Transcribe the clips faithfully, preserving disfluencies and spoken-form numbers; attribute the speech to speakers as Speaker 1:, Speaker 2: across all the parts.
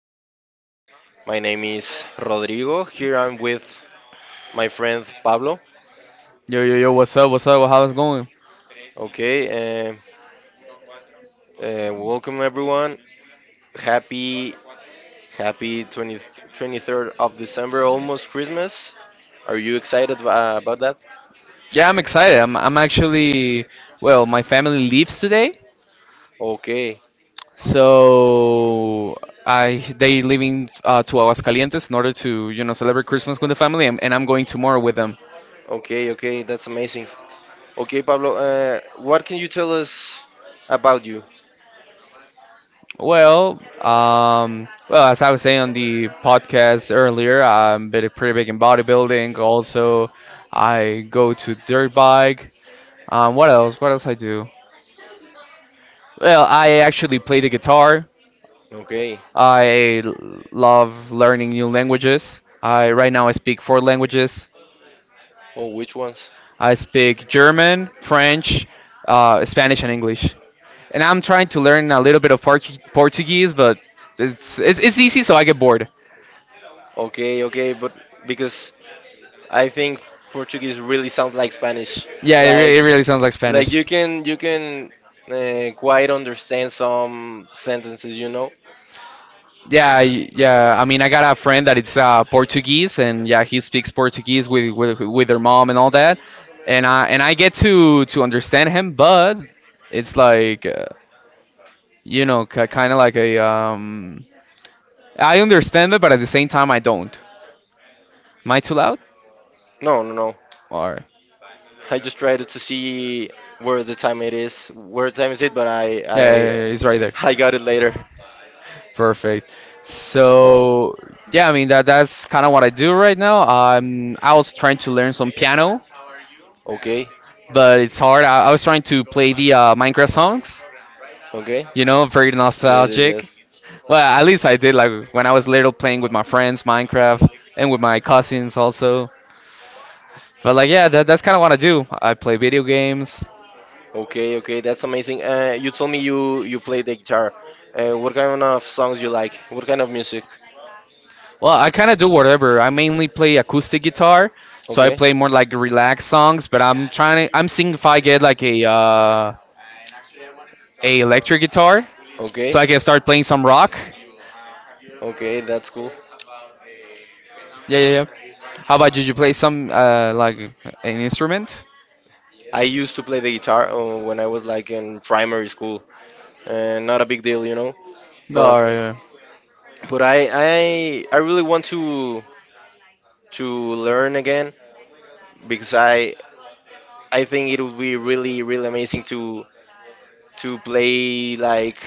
Speaker 1: podcast. My name is Rodrigo. Here I'm with my friend Pablo.
Speaker 2: Yo, yo, yo, what's up? What's up? How's it going?
Speaker 1: Okay, uh, uh, welcome everyone. Happy, happy twenty, twenty-third of December, almost Christmas. Are you excited uh, about that?
Speaker 2: Yeah, I'm excited. I'm, I'm actually, well, my family leaves today.
Speaker 1: Okay,
Speaker 2: So I they leaving uh, to Aguascalientes in order to, you know, celebrate Christmas with the family, and, and I'm going tomorrow with them.
Speaker 1: okay, okay, that's amazing. Okay, Pablo, uh, what can you tell us about you?
Speaker 2: Well, um, well, as I was saying on the podcast earlier, I'm bit pretty big in bodybuilding. Also, I go to dirt bike. Um, what else? What else I do? Well, I actually play the guitar.
Speaker 1: Okay,
Speaker 2: I l- love learning new languages. I Right now I speak four languages.
Speaker 1: oh, which ones?
Speaker 2: I speak German, French, uh, Spanish, and English. And I'm trying to learn a little bit of Portu- Portuguese, but it's, it's it's easy, so I get bored.
Speaker 1: Okay, okay, but because I think Portuguese really sounds like Spanish.
Speaker 2: Yeah, it, re-
Speaker 1: Like,
Speaker 2: it really sounds like
Speaker 1: like
Speaker 2: Spanish.
Speaker 1: you can you can uh, quite understand some sentences, you know?
Speaker 2: Yeah, y- yeah. I mean, I got a friend that it's uh, Portuguese, and yeah, he speaks Portuguese with, with with their mom and all that, and I and I get to to understand him, but it's like uh, You know, k- kind of like a um. I understand it, but at the same time, I don't. Am I too loud?
Speaker 1: No, no, no.
Speaker 2: Or
Speaker 1: I
Speaker 2: Yeah,
Speaker 1: just tried to see where the time it is. Where time is it? But I I
Speaker 2: yeah, yeah, yeah, it's right there.
Speaker 1: I got it later.
Speaker 2: Perfect. So yeah, I mean that that's kind of what I do right now. Um, I was trying to learn some piano,
Speaker 1: Okay,
Speaker 2: but it's hard. I, I was trying to play the uh, Minecraft songs.
Speaker 1: okay.
Speaker 2: You know, very
Speaker 1: Yes, yes,
Speaker 2: nostalgic.
Speaker 1: yes.
Speaker 2: Well, at least I did like when I was little playing with my friends Minecraft and with my cousins also. But like, yeah, that, that's kind of what I do. I play video games.
Speaker 1: Okay, okay. That's amazing. Uh, you told me you you play the guitar. Uh, what kind of songs you like? What kind of music?
Speaker 2: Well, I kind of do whatever. I mainly play acoustic guitar, so I
Speaker 1: Okay.
Speaker 2: play more like relaxed songs. But I'm trying to. I'm seeing if I get like a uh, a electric guitar,
Speaker 1: Okay.
Speaker 2: so I can start playing some rock.
Speaker 1: Okay, that's cool.
Speaker 2: Yeah, yeah, yeah. How about you? You play some uh, like an instrument?
Speaker 1: I used to play the guitar uh, when I was like in primary school, and not a big deal, you know.
Speaker 2: No.
Speaker 1: But
Speaker 2: Yeah.
Speaker 1: but I I I really want to to learn again because I I think it would be really really amazing to to play like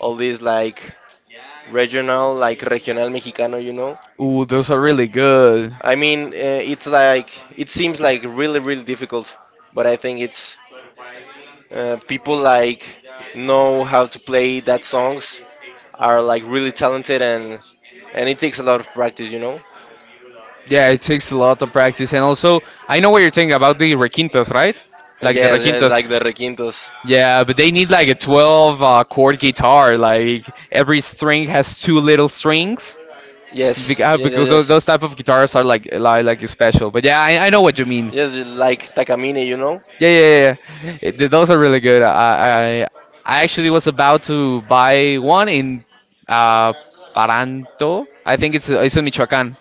Speaker 1: all these like regional like regional mexicano, you know.
Speaker 2: Ooh, those are really good.
Speaker 1: I mean, uh, it's like it seems like really really difficult, but I think it's uh, people like know how to play that songs are like really talented and and it takes a lot of practice, you know.
Speaker 2: Yeah, it takes a lot of practice, and also I know what you're thinking about the requintos, right? Like the
Speaker 1: Yes, yes,
Speaker 2: requintos.
Speaker 1: like the requintos.
Speaker 2: Yeah, but they need like a twelve uh, chord guitar. Like every string has two little strings. Bec-
Speaker 1: Yes,
Speaker 2: uh,
Speaker 1: yes,
Speaker 2: Because those,
Speaker 1: yes,
Speaker 2: those
Speaker 1: yes.
Speaker 2: type of guitars are like like, like special, but yeah, I, I know what you mean.
Speaker 1: Yes, like Takamine, you know.
Speaker 2: Yeah, yeah, yeah. Yeah. It, th- those are really good. I, I I actually was about to buy one in uh Paranto. I think it's it's in Michoacan,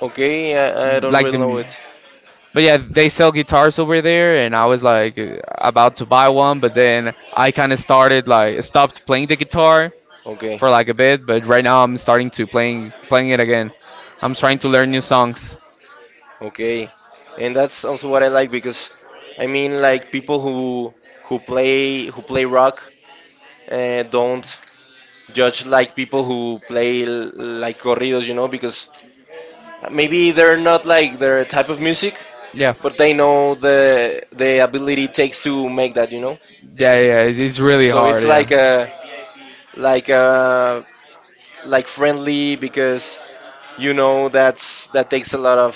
Speaker 1: Okay, I, I don't
Speaker 2: like
Speaker 1: really know
Speaker 2: the
Speaker 1: it.
Speaker 2: But yeah, they sell guitars over there, and I was like uh, about to buy one, but then I kind of started like stopped playing the guitar
Speaker 1: Okay,
Speaker 2: for like a bit, but right now I'm starting to playing playing it again. I'm trying to learn new songs.
Speaker 1: okay, and that's also what I like because, I mean, like people who who play who play rock uh, don't judge like people who play l- like corridos, you know, because maybe they're not like their type of music,
Speaker 2: Yeah,
Speaker 1: but they know the the
Speaker 2: yeah,
Speaker 1: ability it takes to make that, you know.
Speaker 2: yeah. It's, it's really
Speaker 1: So it's
Speaker 2: hard.
Speaker 1: like
Speaker 2: Yeah,
Speaker 1: a like a like friendly because you know that's that takes a lot of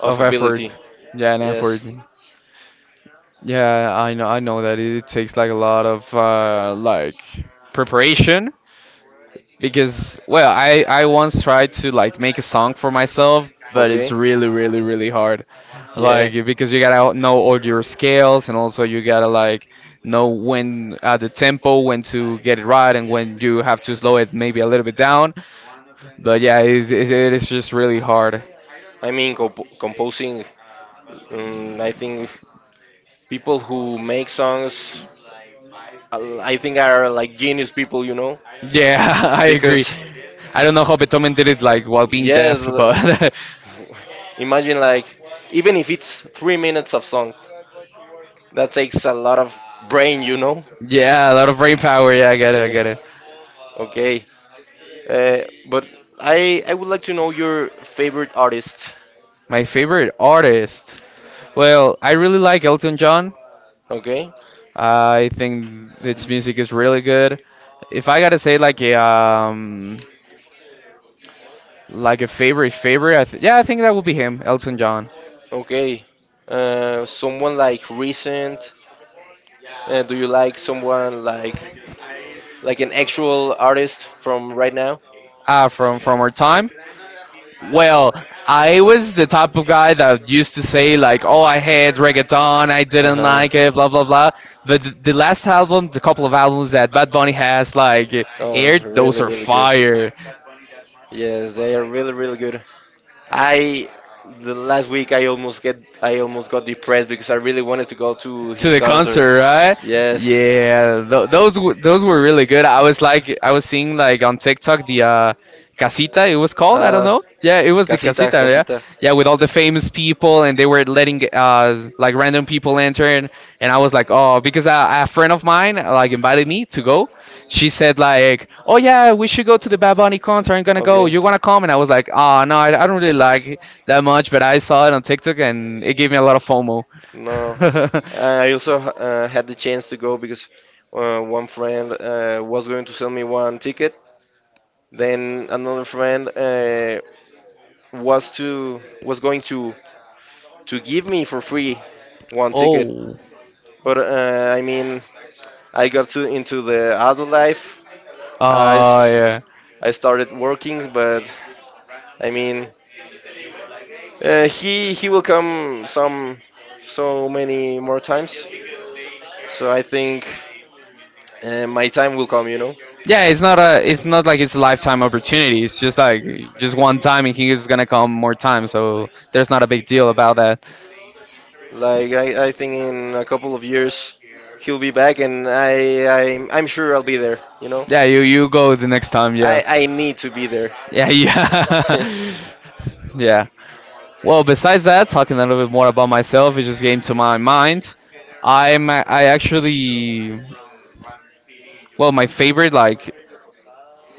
Speaker 1: of
Speaker 2: of effort.
Speaker 1: ability.
Speaker 2: Yeah, and
Speaker 1: Yes.
Speaker 2: effort. Yeah, I know. I know that it takes like a lot of uh, like preparation because well i i once tried to like make a song for myself, but
Speaker 1: Okay.
Speaker 2: it's really really really hard
Speaker 1: Yeah.
Speaker 2: like, because you gotta know all your scales and also you gotta like know when uh, the tempo, when to get it right, and when you have to slow it maybe a little bit down, but yeah, it, it, it is just really hard.
Speaker 1: I mean, comp- composing. Um, I think people who make songs, uh, I think are like genius people, you know,
Speaker 2: Yeah, I agree.
Speaker 1: because
Speaker 2: I don't know how Beethoven did it, like, while being
Speaker 1: yes,
Speaker 2: deaf, but
Speaker 1: imagine like even if it's three minutes of song, that takes a lot of brain, you know.
Speaker 2: yeah, a lot of brain
Speaker 1: Yeah,
Speaker 2: power. Yeah, I get it, I get it.
Speaker 1: okay. Uh, but I I would like to know your favorite artist.
Speaker 2: My favorite artist. Well, I really like Elton John.
Speaker 1: Okay,
Speaker 2: I think its music is really good. If I gotta say like a um like a favorite favorite, I th yeah, I think that would be him, Elton John.
Speaker 1: okay. Uh, someone like recent. Uh, do you like someone like like an actual artist from right now?
Speaker 2: Ah, from from our time. Well, I was the type of guy
Speaker 1: Uh
Speaker 2: that used to say like, "Oh, I hate reggaeton. I didn't
Speaker 1: huh.
Speaker 2: like it. Blah blah blah." But the, the last album, the couple of albums that Bad Bunny has like
Speaker 1: Oh,
Speaker 2: aired, those
Speaker 1: really,
Speaker 2: are
Speaker 1: really good.
Speaker 2: fire.
Speaker 1: Yes, they are really really good. I the last week I almost get I almost got depressed because I really wanted to go to
Speaker 2: To
Speaker 1: his
Speaker 2: the
Speaker 1: concert.
Speaker 2: concert, right?
Speaker 1: Yes.
Speaker 2: Yeah, th- those w- those were really good. I was like, I was seeing like on TikTok the uh, casita. It was called, I don't
Speaker 1: Uh,
Speaker 2: know. Yeah, it was the
Speaker 1: Casita,
Speaker 2: casita. Yeah,
Speaker 1: Casita.
Speaker 2: yeah, with all the famous people, and they were letting uh like random people enter, and, and I was like, oh, because a, a friend of mine like invited me to go. She said like, "Oh yeah, we should go to the Bad Bunny concert. I'm gonna go.
Speaker 1: Okay.
Speaker 2: You wanna come?" And I was like, oh no, I, I don't really like it that much, but I saw it on TikTok, and it gave me a lot of FOMO.
Speaker 1: No, I also uh, had the chance to go because uh, one friend uh, was going to sell me one ticket. Then another friend uh, was to was going to to give me for free one ticket.
Speaker 2: Oh,
Speaker 1: But uh, I mean, I got to into the adult life. I,
Speaker 2: uh,
Speaker 1: s-
Speaker 2: yeah.
Speaker 1: I started working, but I mean, uh, he he will come some so many more times. So I think uh, my time will come. You know,
Speaker 2: Yeah, it's not a, it's not like it's a lifetime opportunity. It's just like just one time, and he's gonna come more time. So there's not a big deal about that.
Speaker 1: like I, I think in a couple of years he'll be back, and I I'm, I'm sure I'll be there. You know,
Speaker 2: Yeah, you you go the next time. Yeah.
Speaker 1: I I need to be there.
Speaker 2: Yeah, yeah. Yeah. Well, besides that, talking a little bit more about myself, it just came to my mind. I'm a- I actually, well, my favorite, like,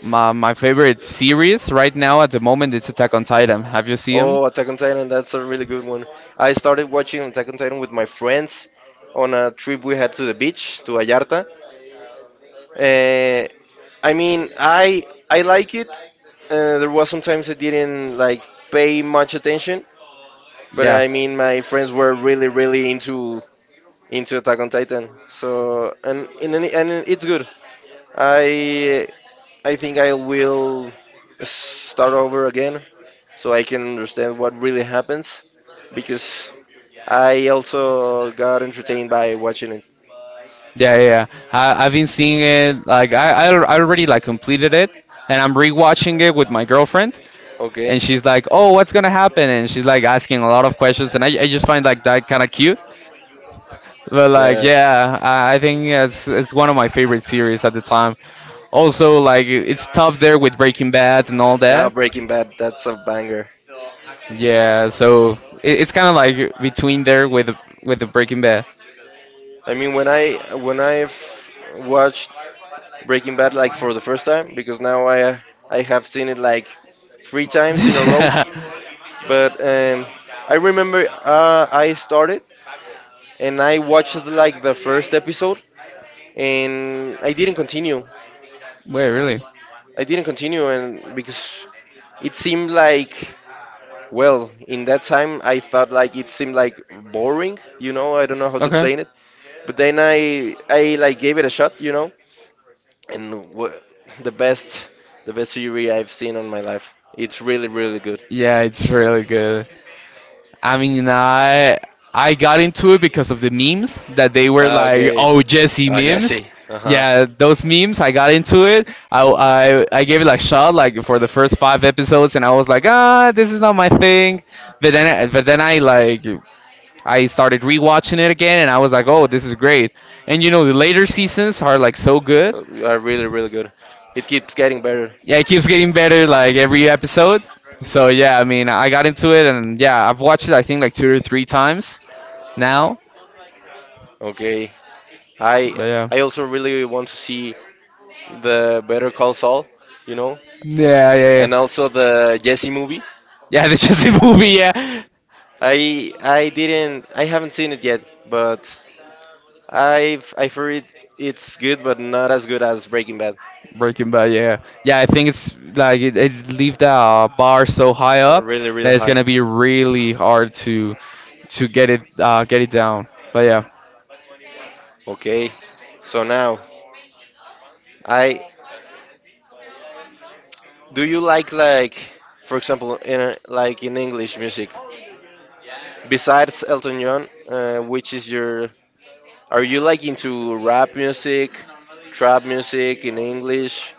Speaker 2: my my favorite series right now at the moment is Attack on Titan. Have you seen him?
Speaker 1: Oh, Attack on Titan, that's a really good one. I started watching Attack on Titan with my friends on a trip we had to the beach, to Vallarta. Uh, I mean, I I like it. Uh, there was sometimes I didn't like pay much attention, but
Speaker 2: Yeah.
Speaker 1: I mean, my friends were really, really into into Attack on Titan. So, and in any, and it's good. I I think I will start over again so I can understand what really happens because I also got entertained by watching it.
Speaker 2: Yeah, yeah, yeah. I, I've been seeing it. Like I, I, al- I already like completed it, and I'm rewatching it with my girlfriend.
Speaker 1: Okay.
Speaker 2: And she's like, "Oh, what's gonna happen?" And she's like asking a lot of questions, and I, I just find like that kind of cute. But like,
Speaker 1: Yeah.
Speaker 2: yeah, I, I think it's it's one of my favorite series at the time. Also, like it- it's top there with Breaking Bad and all
Speaker 1: Ah,
Speaker 2: that.
Speaker 1: Breaking Bad, that's a banger.
Speaker 2: Yeah, so it, it's kind of like between there with with the Breaking Bad.
Speaker 1: I mean, when I when I've watched Breaking Bad like for the first time, because now I I have seen it like three times in a row. But um, I
Speaker 2: Yeah.
Speaker 1: remember uh, I started and I watched like the first episode, and I didn't continue.
Speaker 2: Wait, really?
Speaker 1: I didn't continue, and because it seemed like well, in that time I felt like it seemed like boring. You know, I don't know how to
Speaker 2: Okay.
Speaker 1: explain it. But then I I like gave it a shot. You know, and w- the best the best theory I've seen on my life. It's really really good.
Speaker 2: Yeah, it's really good. I mean, I I got into it because of the memes that they were
Speaker 1: Ah,
Speaker 2: like,
Speaker 1: okay.
Speaker 2: "Oh, Jesse
Speaker 1: Oh,
Speaker 2: memes."
Speaker 1: Jesse. Uh huh.
Speaker 2: Yeah, those memes. I got into it. I I I gave it like shot like for the first five episodes, and I was like, "Ah, this is not my thing." But then I, but then I like I started rewatching it again, and I was like, "Oh, this is great." And you know, the later seasons are like so good.
Speaker 1: Are really really good. It keeps getting better.
Speaker 2: Yeah, it keeps getting better like every episode. So yeah, I mean, I got into it, and yeah, I've watched it I think like two or three times now.
Speaker 1: Okay. I
Speaker 2: But yeah,
Speaker 1: I also really want to see the Better Call Saul, you know,
Speaker 2: yeah, yeah,
Speaker 1: and
Speaker 2: yeah.
Speaker 1: also the Jesse movie.
Speaker 2: Yeah, the Chelsea movie. Yeah,
Speaker 1: I I didn't I haven't seen it yet, but I've I've heard it's good, but not as good as Breaking Bad.
Speaker 2: Breaking Bad, yeah, yeah. I think it's like it, it leave that uh, bar so high
Speaker 1: It's
Speaker 2: up
Speaker 1: really really
Speaker 2: that it's
Speaker 1: high.
Speaker 2: gonna be really hard to to get it uh, get it down. But yeah,
Speaker 1: Okay, so now I do you like like for example in a, like in English music? Besides Elton John, uh, which is your, are you like into rap music, trap music in English?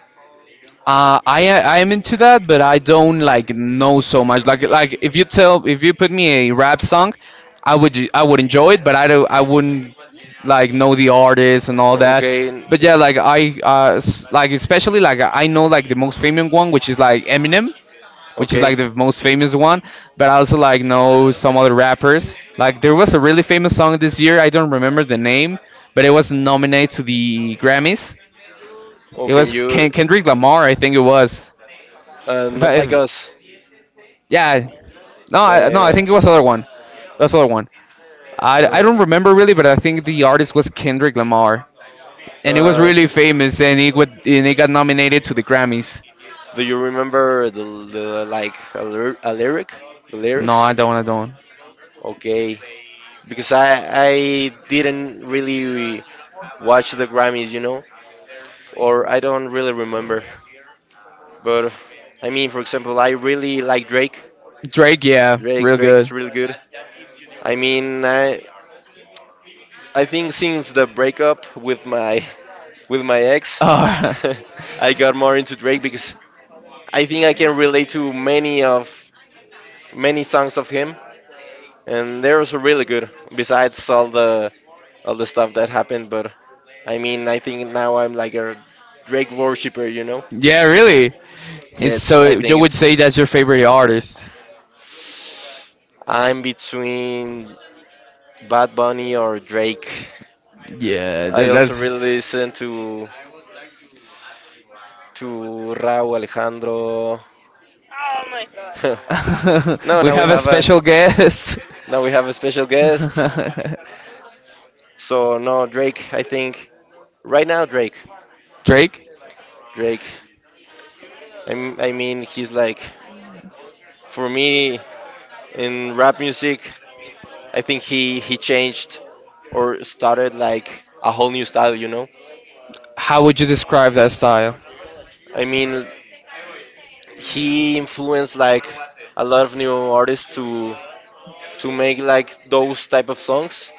Speaker 2: uh, I I am into that, but I don't like know so much. Like like if you tell if you put me a rap song, I would I would enjoy it, but I do I wouldn't like know the artist and all
Speaker 1: O-
Speaker 2: that.
Speaker 1: Okay. n-
Speaker 2: But yeah, like I uh s- like especially like I know like the most famous one, which is like Eminem. Which is
Speaker 1: Okay.
Speaker 2: like the most famous one. But I also like know some other rappers. Like there was a really famous song this year. I don't remember the name, but it was nominated to the Grammys.
Speaker 1: Oh,
Speaker 2: It
Speaker 1: can
Speaker 2: was
Speaker 1: you?
Speaker 2: Ken- Kendrick Lamar, I think it was.
Speaker 1: Uh,
Speaker 2: If
Speaker 1: not
Speaker 2: I,
Speaker 1: like
Speaker 2: if
Speaker 1: us.
Speaker 2: Yeah, no, I, no, I think it was
Speaker 1: Uh,
Speaker 2: other one. It was other one. I, I don't remember really, but I think the artist was Kendrick Lamar,
Speaker 1: uh,
Speaker 2: and it was
Speaker 1: uh,
Speaker 2: really famous, and it would, and it got nominated to the Grammys.
Speaker 1: Do you remember the, the like a, lyr- a lyric, the No,
Speaker 2: No,
Speaker 1: lyrics?
Speaker 2: I don't. I don't.
Speaker 1: Okay, because I I didn't really watch the Grammys, you know, or I don't really remember. But I mean, for example, I really like Drake.
Speaker 2: Drake, yeah,
Speaker 1: Drake
Speaker 2: real
Speaker 1: Drake
Speaker 2: good.
Speaker 1: is really good. I mean, I I think since
Speaker 2: Oh.
Speaker 1: the breakup with my with my ex, I got more into Drake because I think I can relate to many of many songs of him, and they're also really good. Besides all the all the stuff that happened, but I mean, I think now I'm like a Drake worshipper, you know?
Speaker 2: Yeah, really.
Speaker 1: Yeah,
Speaker 2: It's
Speaker 1: it's I
Speaker 2: So you
Speaker 1: think
Speaker 2: would
Speaker 1: it's
Speaker 2: say that's your favorite artist?
Speaker 1: I'm between Bad Bunny or Drake.
Speaker 2: Yeah,
Speaker 1: I
Speaker 2: that,
Speaker 1: also
Speaker 2: that's.
Speaker 1: really listen to to Raúl Alejandro. no,
Speaker 2: We, no,
Speaker 1: now we
Speaker 2: have a
Speaker 1: have a
Speaker 2: special guest.
Speaker 1: now we have a special guest. So no, Drake. I think right now Drake.
Speaker 2: Drake.
Speaker 1: Drake. I m- I mean, he's like for me, in rap music, I think he he changed or started like a whole new style. You know,
Speaker 2: How would you describe that style?
Speaker 1: I mean, he influenced like a lot of new artists to to make like those type of songs.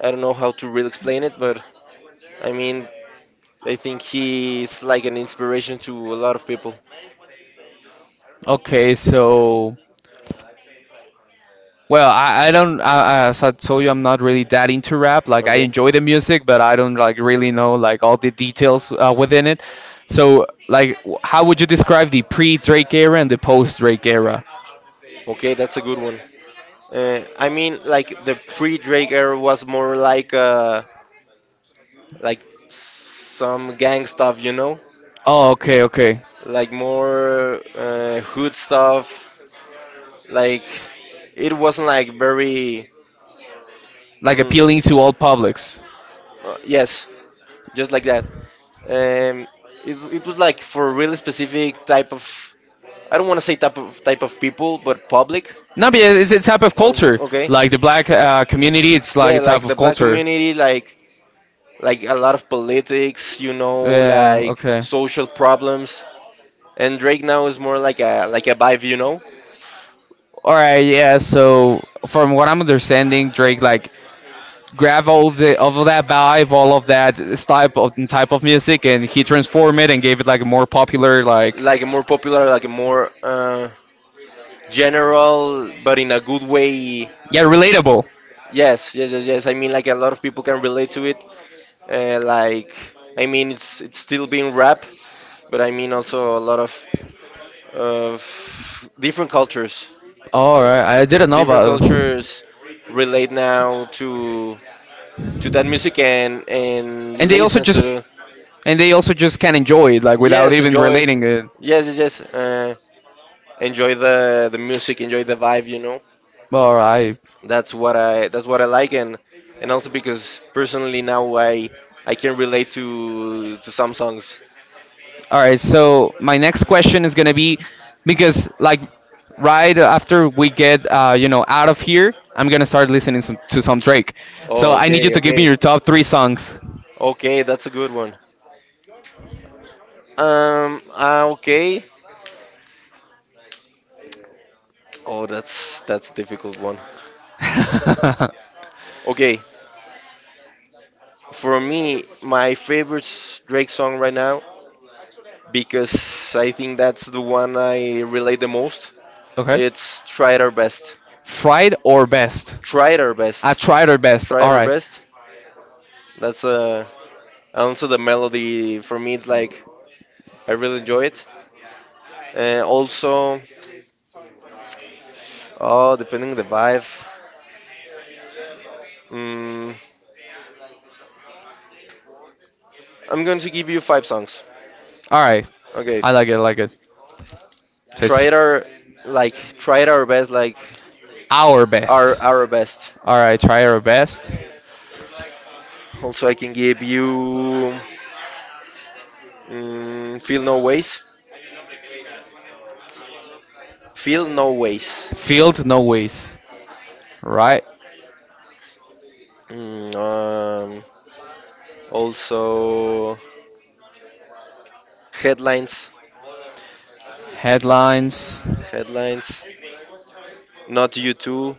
Speaker 1: I don't know how to really explain it, but I mean, I think he's like an inspiration to a lot of people.
Speaker 2: Okay, so well, I, I don't I, as I told you, I'm not really that into rap. Like I
Speaker 1: Okay,
Speaker 2: enjoy the music, but I don't like really know like all the details uh, within it. So like, w- how would you describe the pre-Drake era and the post-Drake era?
Speaker 1: okay, that's a good one. Uh, I mean, like the pre-Drake era was more like uh, like some gang stuff, you know,
Speaker 2: Oh, okay, okay.
Speaker 1: like more uh, hood stuff. Like it wasn't like very.
Speaker 2: Like appealing
Speaker 1: mm,
Speaker 2: to all publics.
Speaker 1: uh, yes, just like that. Um, it, it was like for really specific type of. I don't want to say type of type of people, but public.
Speaker 2: No, but it's a type of
Speaker 1: Also-
Speaker 2: culture.
Speaker 1: okay.
Speaker 2: Like the black uh, community, it's like a
Speaker 1: yeah,
Speaker 2: type
Speaker 1: like
Speaker 2: of
Speaker 1: the black
Speaker 2: culture.
Speaker 1: community, like like a lot of politics, you know,
Speaker 2: Yeah,
Speaker 1: like
Speaker 2: okay.
Speaker 1: social problems. And Drake now is more like a like a vibe, you know,
Speaker 2: All right, yeah. So from what I'm understanding, Drake like grab all of the all of that vibe, all of that type of type of music, and he transformed it and gave it like a more popular, like,
Speaker 1: like a more popular, like a more uh, general, but in a good way.
Speaker 2: yeah, relatable.
Speaker 1: Yes, yes, yes, yes. I mean, like a lot of people can relate to it. Uh, like, I mean, it's it's still being rap, but I mean also a lot of of different cultures.
Speaker 2: All
Speaker 1: Uh,
Speaker 2: right, I didn't know
Speaker 1: different
Speaker 2: about.
Speaker 1: cultures relate now to to that music and and
Speaker 2: And they also
Speaker 1: listens
Speaker 2: just
Speaker 1: to
Speaker 2: and they also just can enjoy it like without
Speaker 1: yes,
Speaker 2: even
Speaker 1: enjoy.
Speaker 2: relating it.
Speaker 1: Yes, yes, yes. Uh, enjoy the the music, enjoy the vibe. You know,
Speaker 2: All right.
Speaker 1: that's what I that's what I like, and and also because personally now I I can relate to to some songs.
Speaker 2: All right, so my next question is gonna be because like right after we get uh, you know out of here, I'm gonna start listening some, to some Drake. So
Speaker 1: Oh,
Speaker 2: I need you
Speaker 1: okay,
Speaker 2: to give me
Speaker 1: okay,
Speaker 2: your top three songs.
Speaker 1: okay. That's a good one. Um, uh, okay. Oh, that's that's a difficult one. Okay, for me, my favorite Drake song right now because I think that's the one I relate the most
Speaker 2: okay.
Speaker 1: it's tried our best.
Speaker 2: Fried or best?
Speaker 1: Tried our
Speaker 2: I
Speaker 1: best.
Speaker 2: tried or best. All
Speaker 1: Tried our
Speaker 2: right.
Speaker 1: best. That's uh, also the melody for me. It's like I really enjoy it. And also, oh, depending on the vibe, mm, I'm going to give you five songs.
Speaker 2: All right.
Speaker 1: Okay,
Speaker 2: I like it. I like it. Just
Speaker 1: tried our like tried our best, like
Speaker 2: our
Speaker 1: our
Speaker 2: best.
Speaker 1: our best.
Speaker 2: All right. Try our best.
Speaker 1: Also, I can give you mm, feel no ways. Feel no ways.
Speaker 2: Field no ways. Right.
Speaker 1: Mm, um, also, headlines.
Speaker 2: Headlines.
Speaker 1: Headlines. Not You Too.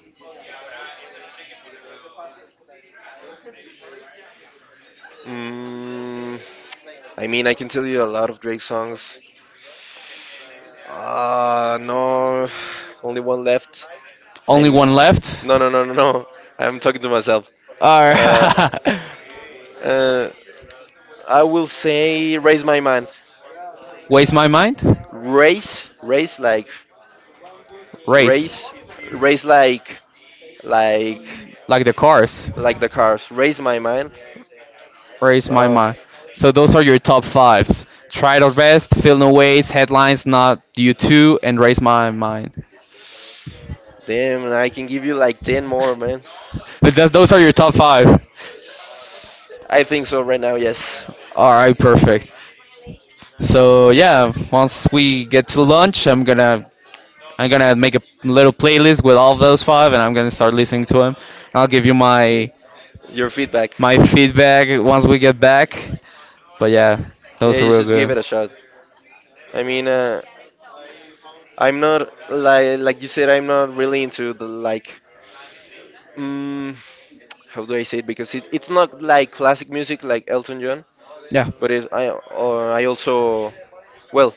Speaker 1: Mm, I mean, I can tell you a lot of Drake songs. Uh, no, only one left.
Speaker 2: Only
Speaker 1: I'm
Speaker 2: one left.
Speaker 1: no, no, no, no, no. I'm talking to myself.
Speaker 2: All
Speaker 1: Uh,
Speaker 2: right.
Speaker 1: uh, I will say raise my mind.
Speaker 2: Waste my mind.
Speaker 1: Race, race like
Speaker 2: Race.
Speaker 1: race, race like like
Speaker 2: Like the cars.
Speaker 1: like the cars. Raise my mind.
Speaker 2: Race my
Speaker 1: No,
Speaker 2: mind. So those are your top fives. Try to rest, feel no waste, headlines, not you too, and raise my mind.
Speaker 1: damn, I can give you like ten more, man.
Speaker 2: But that's, those are your top five.
Speaker 1: I think so right now. Yes.
Speaker 2: All right, perfect. So yeah, once we get to lunch, I'm gonna I'm gonna make a little playlist with all of those five, and I'm gonna start listening to them. I'll give you
Speaker 1: Y-
Speaker 2: my
Speaker 1: Your feedback.
Speaker 2: my feedback once we get back. But yeah,
Speaker 1: Yeah,
Speaker 2: those were
Speaker 1: you
Speaker 2: real
Speaker 1: should give
Speaker 2: good.
Speaker 1: it a shot. I mean, uh, I'm not like like you said, I'm not really into the like. Mm, how do I say it? Because it, it's not like classic music like Elton John,
Speaker 2: Yeah.
Speaker 1: but it's, I uh, I also well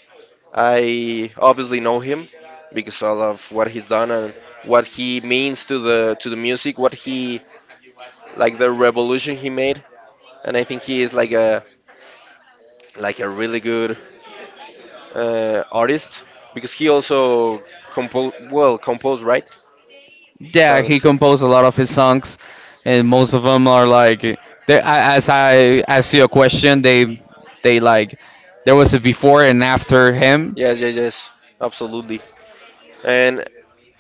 Speaker 1: I obviously know him because I love what he's done and what he means to the to the music, what he like the revolution he made, and I think he is like a like a really good uh, artist because he also compose well composed right. Yeah,
Speaker 2: Yeah, he
Speaker 1: songs.
Speaker 2: composed a lot of his songs, and most of them are like, they, I- as I asked you a question, they they like, there was a before and after him.
Speaker 1: Yes, yes, yes, absolutely. And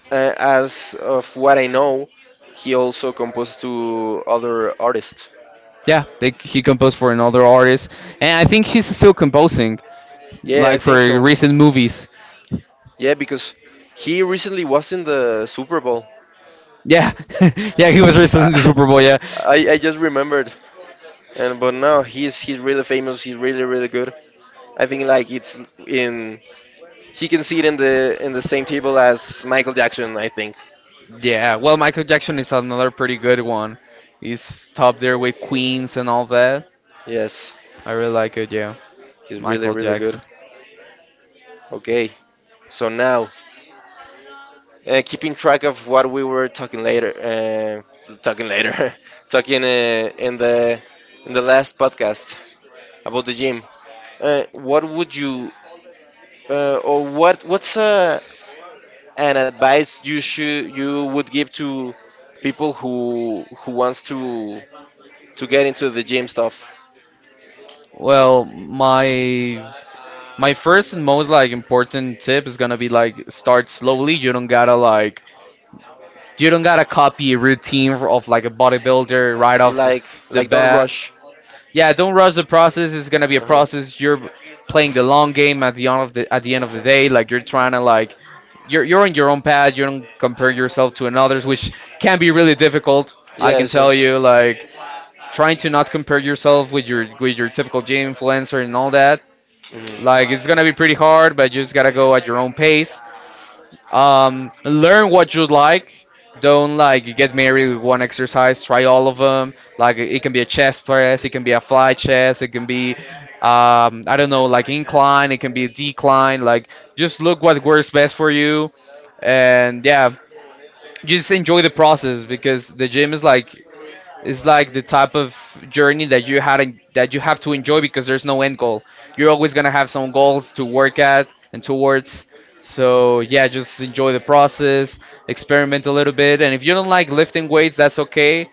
Speaker 1: uh, as of what I know, he also composed to other artists.
Speaker 2: Yeah, they, he composed for another artist, and I think he's still composing,
Speaker 1: Yeah, I
Speaker 2: like for
Speaker 1: think so.
Speaker 2: recent movies.
Speaker 1: Yeah, because he recently was in the Super Bowl.
Speaker 2: Yeah, yeah, he was wrestling in the
Speaker 1: I,
Speaker 2: Super Bowl. Yeah,
Speaker 1: I, I just remembered, and but now he's he's really famous. He's really really good. I think like it's in he can see it in the in the same table as Michael Jackson, I think.
Speaker 2: yeah. Well, Michael Jackson is another pretty good one. He's top there with Queens and all that.
Speaker 1: Yes,
Speaker 2: I really like it. Yeah,
Speaker 1: he's really
Speaker 2: Michael
Speaker 1: really good.
Speaker 2: Jackson.
Speaker 1: Okay, so now uh, keeping track of what we were talking later, uh, talking later, talking uh, in the in the last podcast about the gym. Uh, what would you uh, or what what's uh, an advice you should you would give to people who who wants to to get into the gym stuff?
Speaker 2: Well, my my first and most like important tip is gonna be like start slowly. You don't gotta like you don't gotta copy a routine of like a bodybuilder right off
Speaker 1: Like
Speaker 2: the bat.
Speaker 1: rush.
Speaker 2: Yeah, don't rush the process. It's gonna be a process. You're playing the long game at the end of the at the end of the day. Like you're trying to like you're you're on your own path. You don't compare yourself to another's, which can be really difficult. I can
Speaker 1: Yes.
Speaker 2: tell you, like trying to not compare yourself with your with your typical gym influencer and all that.
Speaker 1: Mhm.
Speaker 2: Like it's gonna be pretty hard, but you just gotta go at your own pace. Um, learn what you like. Don't like get married with one exercise. Try all of them. Like it can be a chest press, it can be a fly chest, it can be um, I don't know, like incline, it can be a decline. Like just look what works best for you, and yeah, just enjoy the process because the gym is like it's like the type of journey that you had en- that you have to enjoy because there's no end goal. You're always gonna have some goals to work at and towards. So yeah, just enjoy the process, experiment a little bit, and if you don't like lifting weights, that's okay.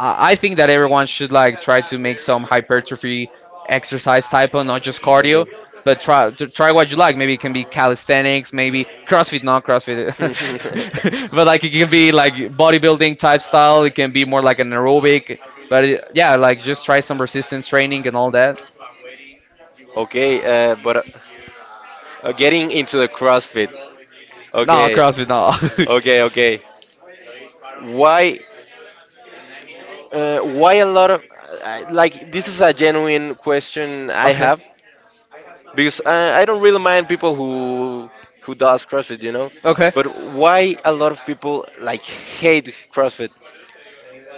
Speaker 2: I I think that everyone should like try to make some hypertrophy exercise type of not just cardio, but try to try what you like. Maybe it can be calisthenics, maybe CrossFit, not CrossFit,
Speaker 1: CrossFit.
Speaker 2: but like it can be like bodybuilding type style. It can be more like an aerobic, but it, yeah, like just try some resistance training and all that.
Speaker 1: Okay, uh, but uh, uh, getting into the CrossFit.
Speaker 2: No,
Speaker 1: Okay,
Speaker 2: CrossFit, no.
Speaker 1: okay, okay. Why Uh, why a lot of I- like this is a genuine question I
Speaker 2: okay.
Speaker 1: have because I, I don't really mind people who who does CrossFit, you know. Okay.
Speaker 2: Okay.
Speaker 1: But why a lot of people like hate CrossFit?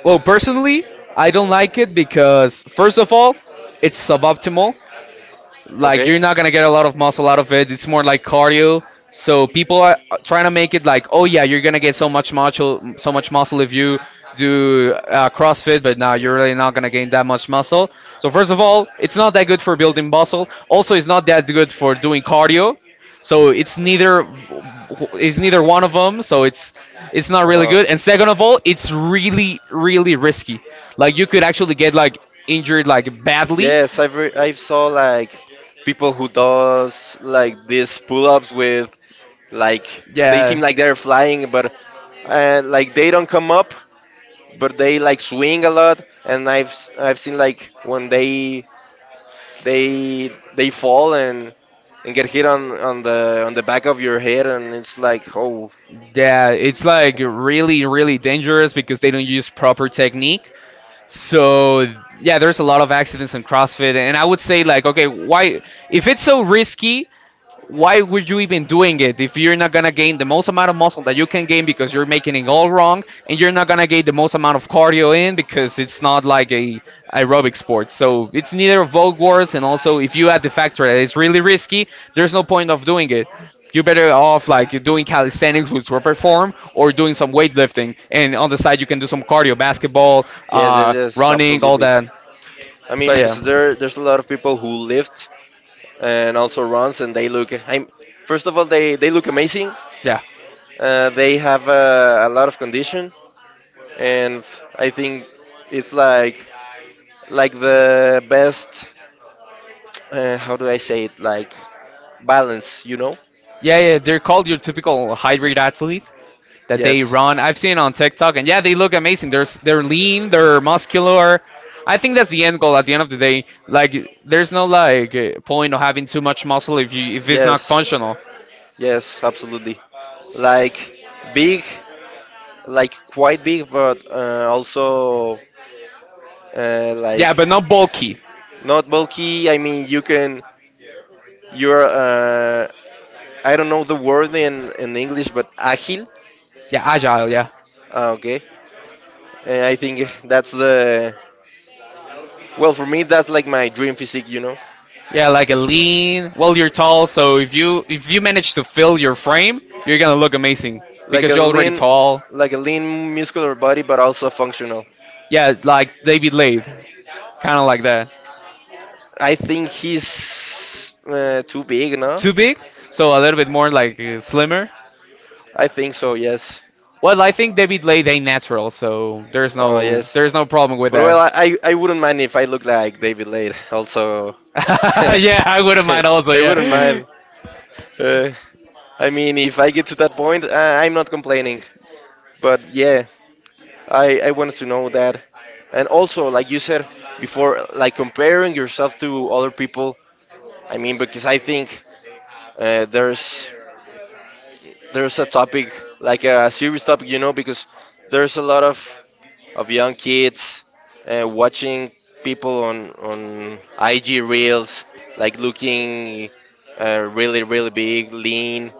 Speaker 2: Well, personally, I don't like it because, first of all, it's suboptimal, like you're
Speaker 1: Okay.
Speaker 2: not gonna get a lot of muscle out of it. It's more like cardio. So people are trying to make it like, oh yeah, you're gonna get so much muscle, so much muscle if you do uh, CrossFit, but now you're really not gonna gain that much muscle. So first of all, it's not that good for building muscle. Also, it's not that good for doing cardio. So it's neither it's neither one of them. So it's it's not really
Speaker 1: Uh-huh.
Speaker 2: good. And second of all, it's really really risky. Like you could actually get like injured like badly,
Speaker 1: Yes, I've re I've saw like people who does like these pull-ups with like they
Speaker 2: yeah.
Speaker 1: seem like they're flying, but uh, like they don't come up but they like swing a lot, and I've s- I've seen like when they they they fall and and get hit on on the on the back of your head, and it's like oh
Speaker 2: Yeah, it's like really, really dangerous because they don't use proper technique. So yeah, there's a lot of accidents in CrossFit, and I would say like, okay, why if it's so risky, why would you even doing it if you're not gonna gain the most amount of muscle that you can gain because you're making it all wrong and you're not gonna gain the most amount of cardio in because it's not like a aerobic sport, so it's neither vogue wars, and also if you add the factor that it's really risky, there's no point of doing it. You're better off like doing calisthenics with proper form or doing some weightlifting, and on the side you can do some cardio, basketball,
Speaker 1: yes yes
Speaker 2: uh,
Speaker 1: yes
Speaker 2: running, all
Speaker 1: absolutely.
Speaker 2: that.
Speaker 1: I
Speaker 2: So
Speaker 1: mean
Speaker 2: yeah,
Speaker 1: because there there's a lot of people who lift and also runs, and they look I'm first of all they they look amazing.
Speaker 2: yeah.
Speaker 1: Uh, they have uh, a lot of condition, and I think it's like like the best uh, how do I say it like balance, you know.
Speaker 2: Yeah, yeah, they're called your typical hybrid athlete that they
Speaker 1: Yes.
Speaker 2: run. I've seen on TikTok, and yeah, they look amazing. They're s- they're lean, they're muscular. I think that's the end goal. At the end of the day, like there's no like uh, point of having too much muscle if you if it's not
Speaker 1: Yes.
Speaker 2: functional.
Speaker 1: Yes, absolutely. Like big, like quite big, but uh, also uh, like
Speaker 2: Yeah, but not bulky.
Speaker 1: not bulky. I mean, you can you're uh, I don't know the word in in English, but agile.
Speaker 2: Yeah, agile. Yeah,
Speaker 1: Ah, okay. Uh, I think that's the well for me, that's like my dream physique, you know.
Speaker 2: yeah, like a lean. Well, you're tall, so if you if you manage to fill your frame, you're gonna look amazing
Speaker 1: like
Speaker 2: because
Speaker 1: a
Speaker 2: you're already
Speaker 1: lean,
Speaker 2: tall.
Speaker 1: like a lean muscular body, but also functional.
Speaker 2: Yeah, like David Lathe, kind of like that.
Speaker 1: I think he's uh, too big, no?
Speaker 2: Too big? So a little bit more like uh, slimmer?
Speaker 1: I think so. Yes.
Speaker 2: Well, I think David Late ain't natural, so there's
Speaker 1: Oh
Speaker 2: no
Speaker 1: yes.
Speaker 2: there's no problem with
Speaker 1: But well, I,
Speaker 2: that.
Speaker 1: I I wouldn't mind if I look like David Lade also.
Speaker 2: yeah, I wouldn't
Speaker 1: I
Speaker 2: mind also,
Speaker 1: wouldn't
Speaker 2: yeah.
Speaker 1: mind. Uh, I mean, if I get to that point, uh, I'm not complaining. But yeah, I, I wanted to know that. And also, like you said before, like comparing yourself to other people. I mean, because I think uh, there's there's a topic like a serious topic, you know, because there's a lot of of young kids uh, watching people on on I G reels, like looking uh, really really big, lean,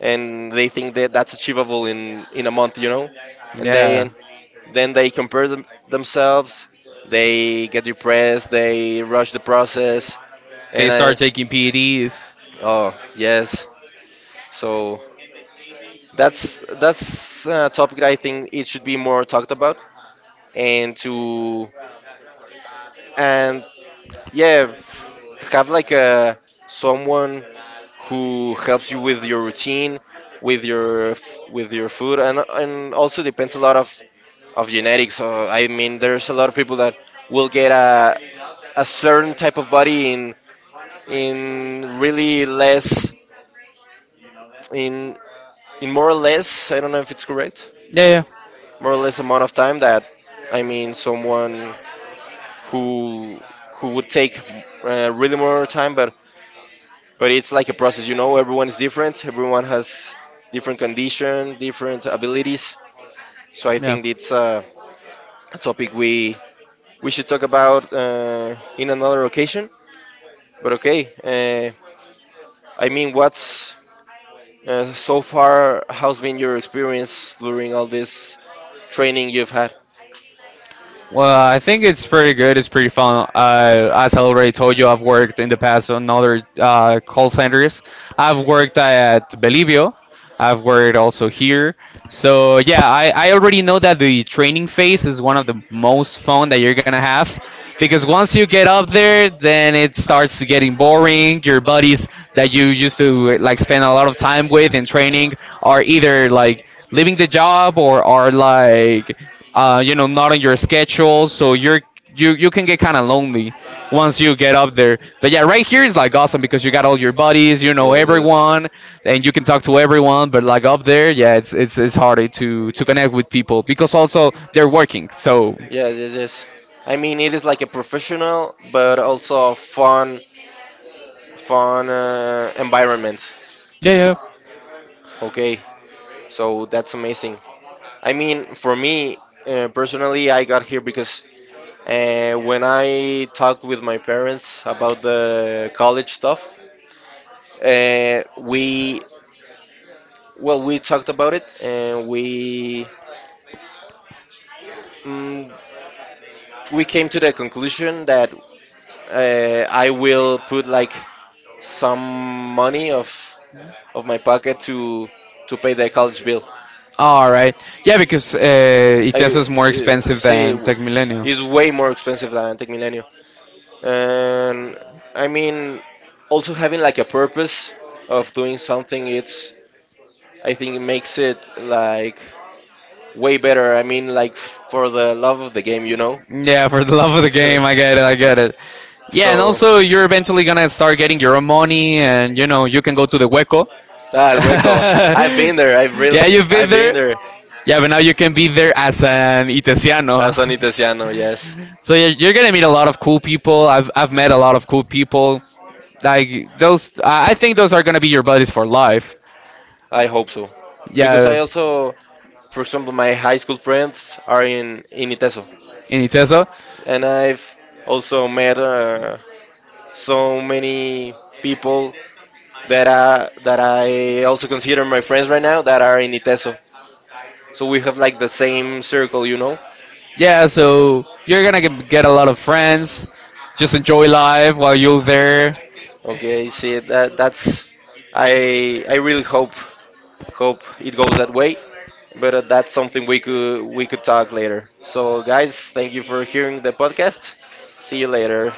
Speaker 1: and they think that that's achievable in in a month, you know, and
Speaker 2: Yeah.
Speaker 1: then then they compare them, themselves, they get depressed, they rush the process,
Speaker 2: They
Speaker 1: and I
Speaker 2: start taking P E Ds.
Speaker 1: oh yes, so That's that's a topic that I think it should be more talked about and to and yeah, f- have like a someone who helps you with your routine, with your f- with your food, and and also depends a lot of of genetics. So I mean, there's a lot of people that will get a a certain type of body in in really less in in more or less, I don't know if it's correct,
Speaker 2: Yeah,
Speaker 1: more or less amount of time that I mean someone who who would take uh, really more time but but it's like a process, you know. Everyone is different, everyone has different condition, different abilities, so I
Speaker 2: yeah. Yeah.
Speaker 1: think it's uh, a topic we we should talk about uh, in another occasion. But okay, uh, I mean what's uh, so far how's been your experience during all this training you've had?
Speaker 2: Well, I think it's pretty good. It's pretty fun. Uh, as I already told you, I've worked in the past on other uh, call centers. I've worked at Belivio. I've worked also here.
Speaker 1: Yes
Speaker 2: So yeah, I, I already know that the training phase is one of the most fun that you're gonna have because once you get up there, then it starts getting boring. Your buddies that you used to like spend a lot of time with in training are either like leaving the job or are like uh, you know, not on your schedule, so you're you you can get kind of lonely once you get up there. But yeah, right here is like awesome because you got all your buddies, you know
Speaker 1: yes.
Speaker 2: everyone, and you can talk to everyone. But like up there, yeah, it's it's it's harder to to connect with people because also they're working. So
Speaker 1: Yes, yes, yes. I mean, it is like a professional but also fun, fun uh, environment.
Speaker 2: yeah, yeah.
Speaker 1: Okay, so that's amazing. I mean, for me, uh, personally, I got here because uh, when I talked with my parents about the college stuff, uh, we well, we talked about it and we mm, we came to the conclusion that uh, I will put like some money of of my pocket to to pay the college bill.
Speaker 2: All right, yeah, because uh, Iteso
Speaker 1: I
Speaker 2: is more
Speaker 1: uh,
Speaker 2: expensive
Speaker 1: see
Speaker 2: than
Speaker 1: w-
Speaker 2: Tech Millennium.
Speaker 1: it's way more expensive than Tech Milenio, and I mean also having like a purpose of doing something. It's I think it makes it like way better. I mean like f- for the love of the game, you know.
Speaker 2: Yeah, for the love of the game, I get it, I get it. Yeah, and
Speaker 1: So.
Speaker 2: also you're eventually gonna start getting your own money, and you know you can go to the hueco.
Speaker 1: That Hueco. I've been there. I've yeah,
Speaker 2: yeah, you've
Speaker 1: really,
Speaker 2: been
Speaker 1: I've been
Speaker 2: there.
Speaker 1: there. Yeah.
Speaker 2: Yeah, but now you can be there as an
Speaker 1: As an
Speaker 2: itesiano.
Speaker 1: Itesiano, yes.
Speaker 2: So yeah, you're gonna meet a lot of cool people. I've I've met a lot of cool people. Like those, I I think those are gonna be your buddies for life.
Speaker 1: I hope so. Yeah. Because
Speaker 2: Yeah,
Speaker 1: I also, for example, my high school friends are in, in Iteso.
Speaker 2: in Iteso.
Speaker 1: And I've also met uh, so many people that, uh, that I also consider my friends right now that are in Iteso. So we have like the same circle, you know?
Speaker 2: Yeah, so you're gonna get get a lot of friends. Just enjoy life while you're there.
Speaker 1: Okay, see, that that's, I, I really hope. Hope it goes that way. But uh, that's something we could we could talk later. So guys, thank you for hearing the podcast. See you later.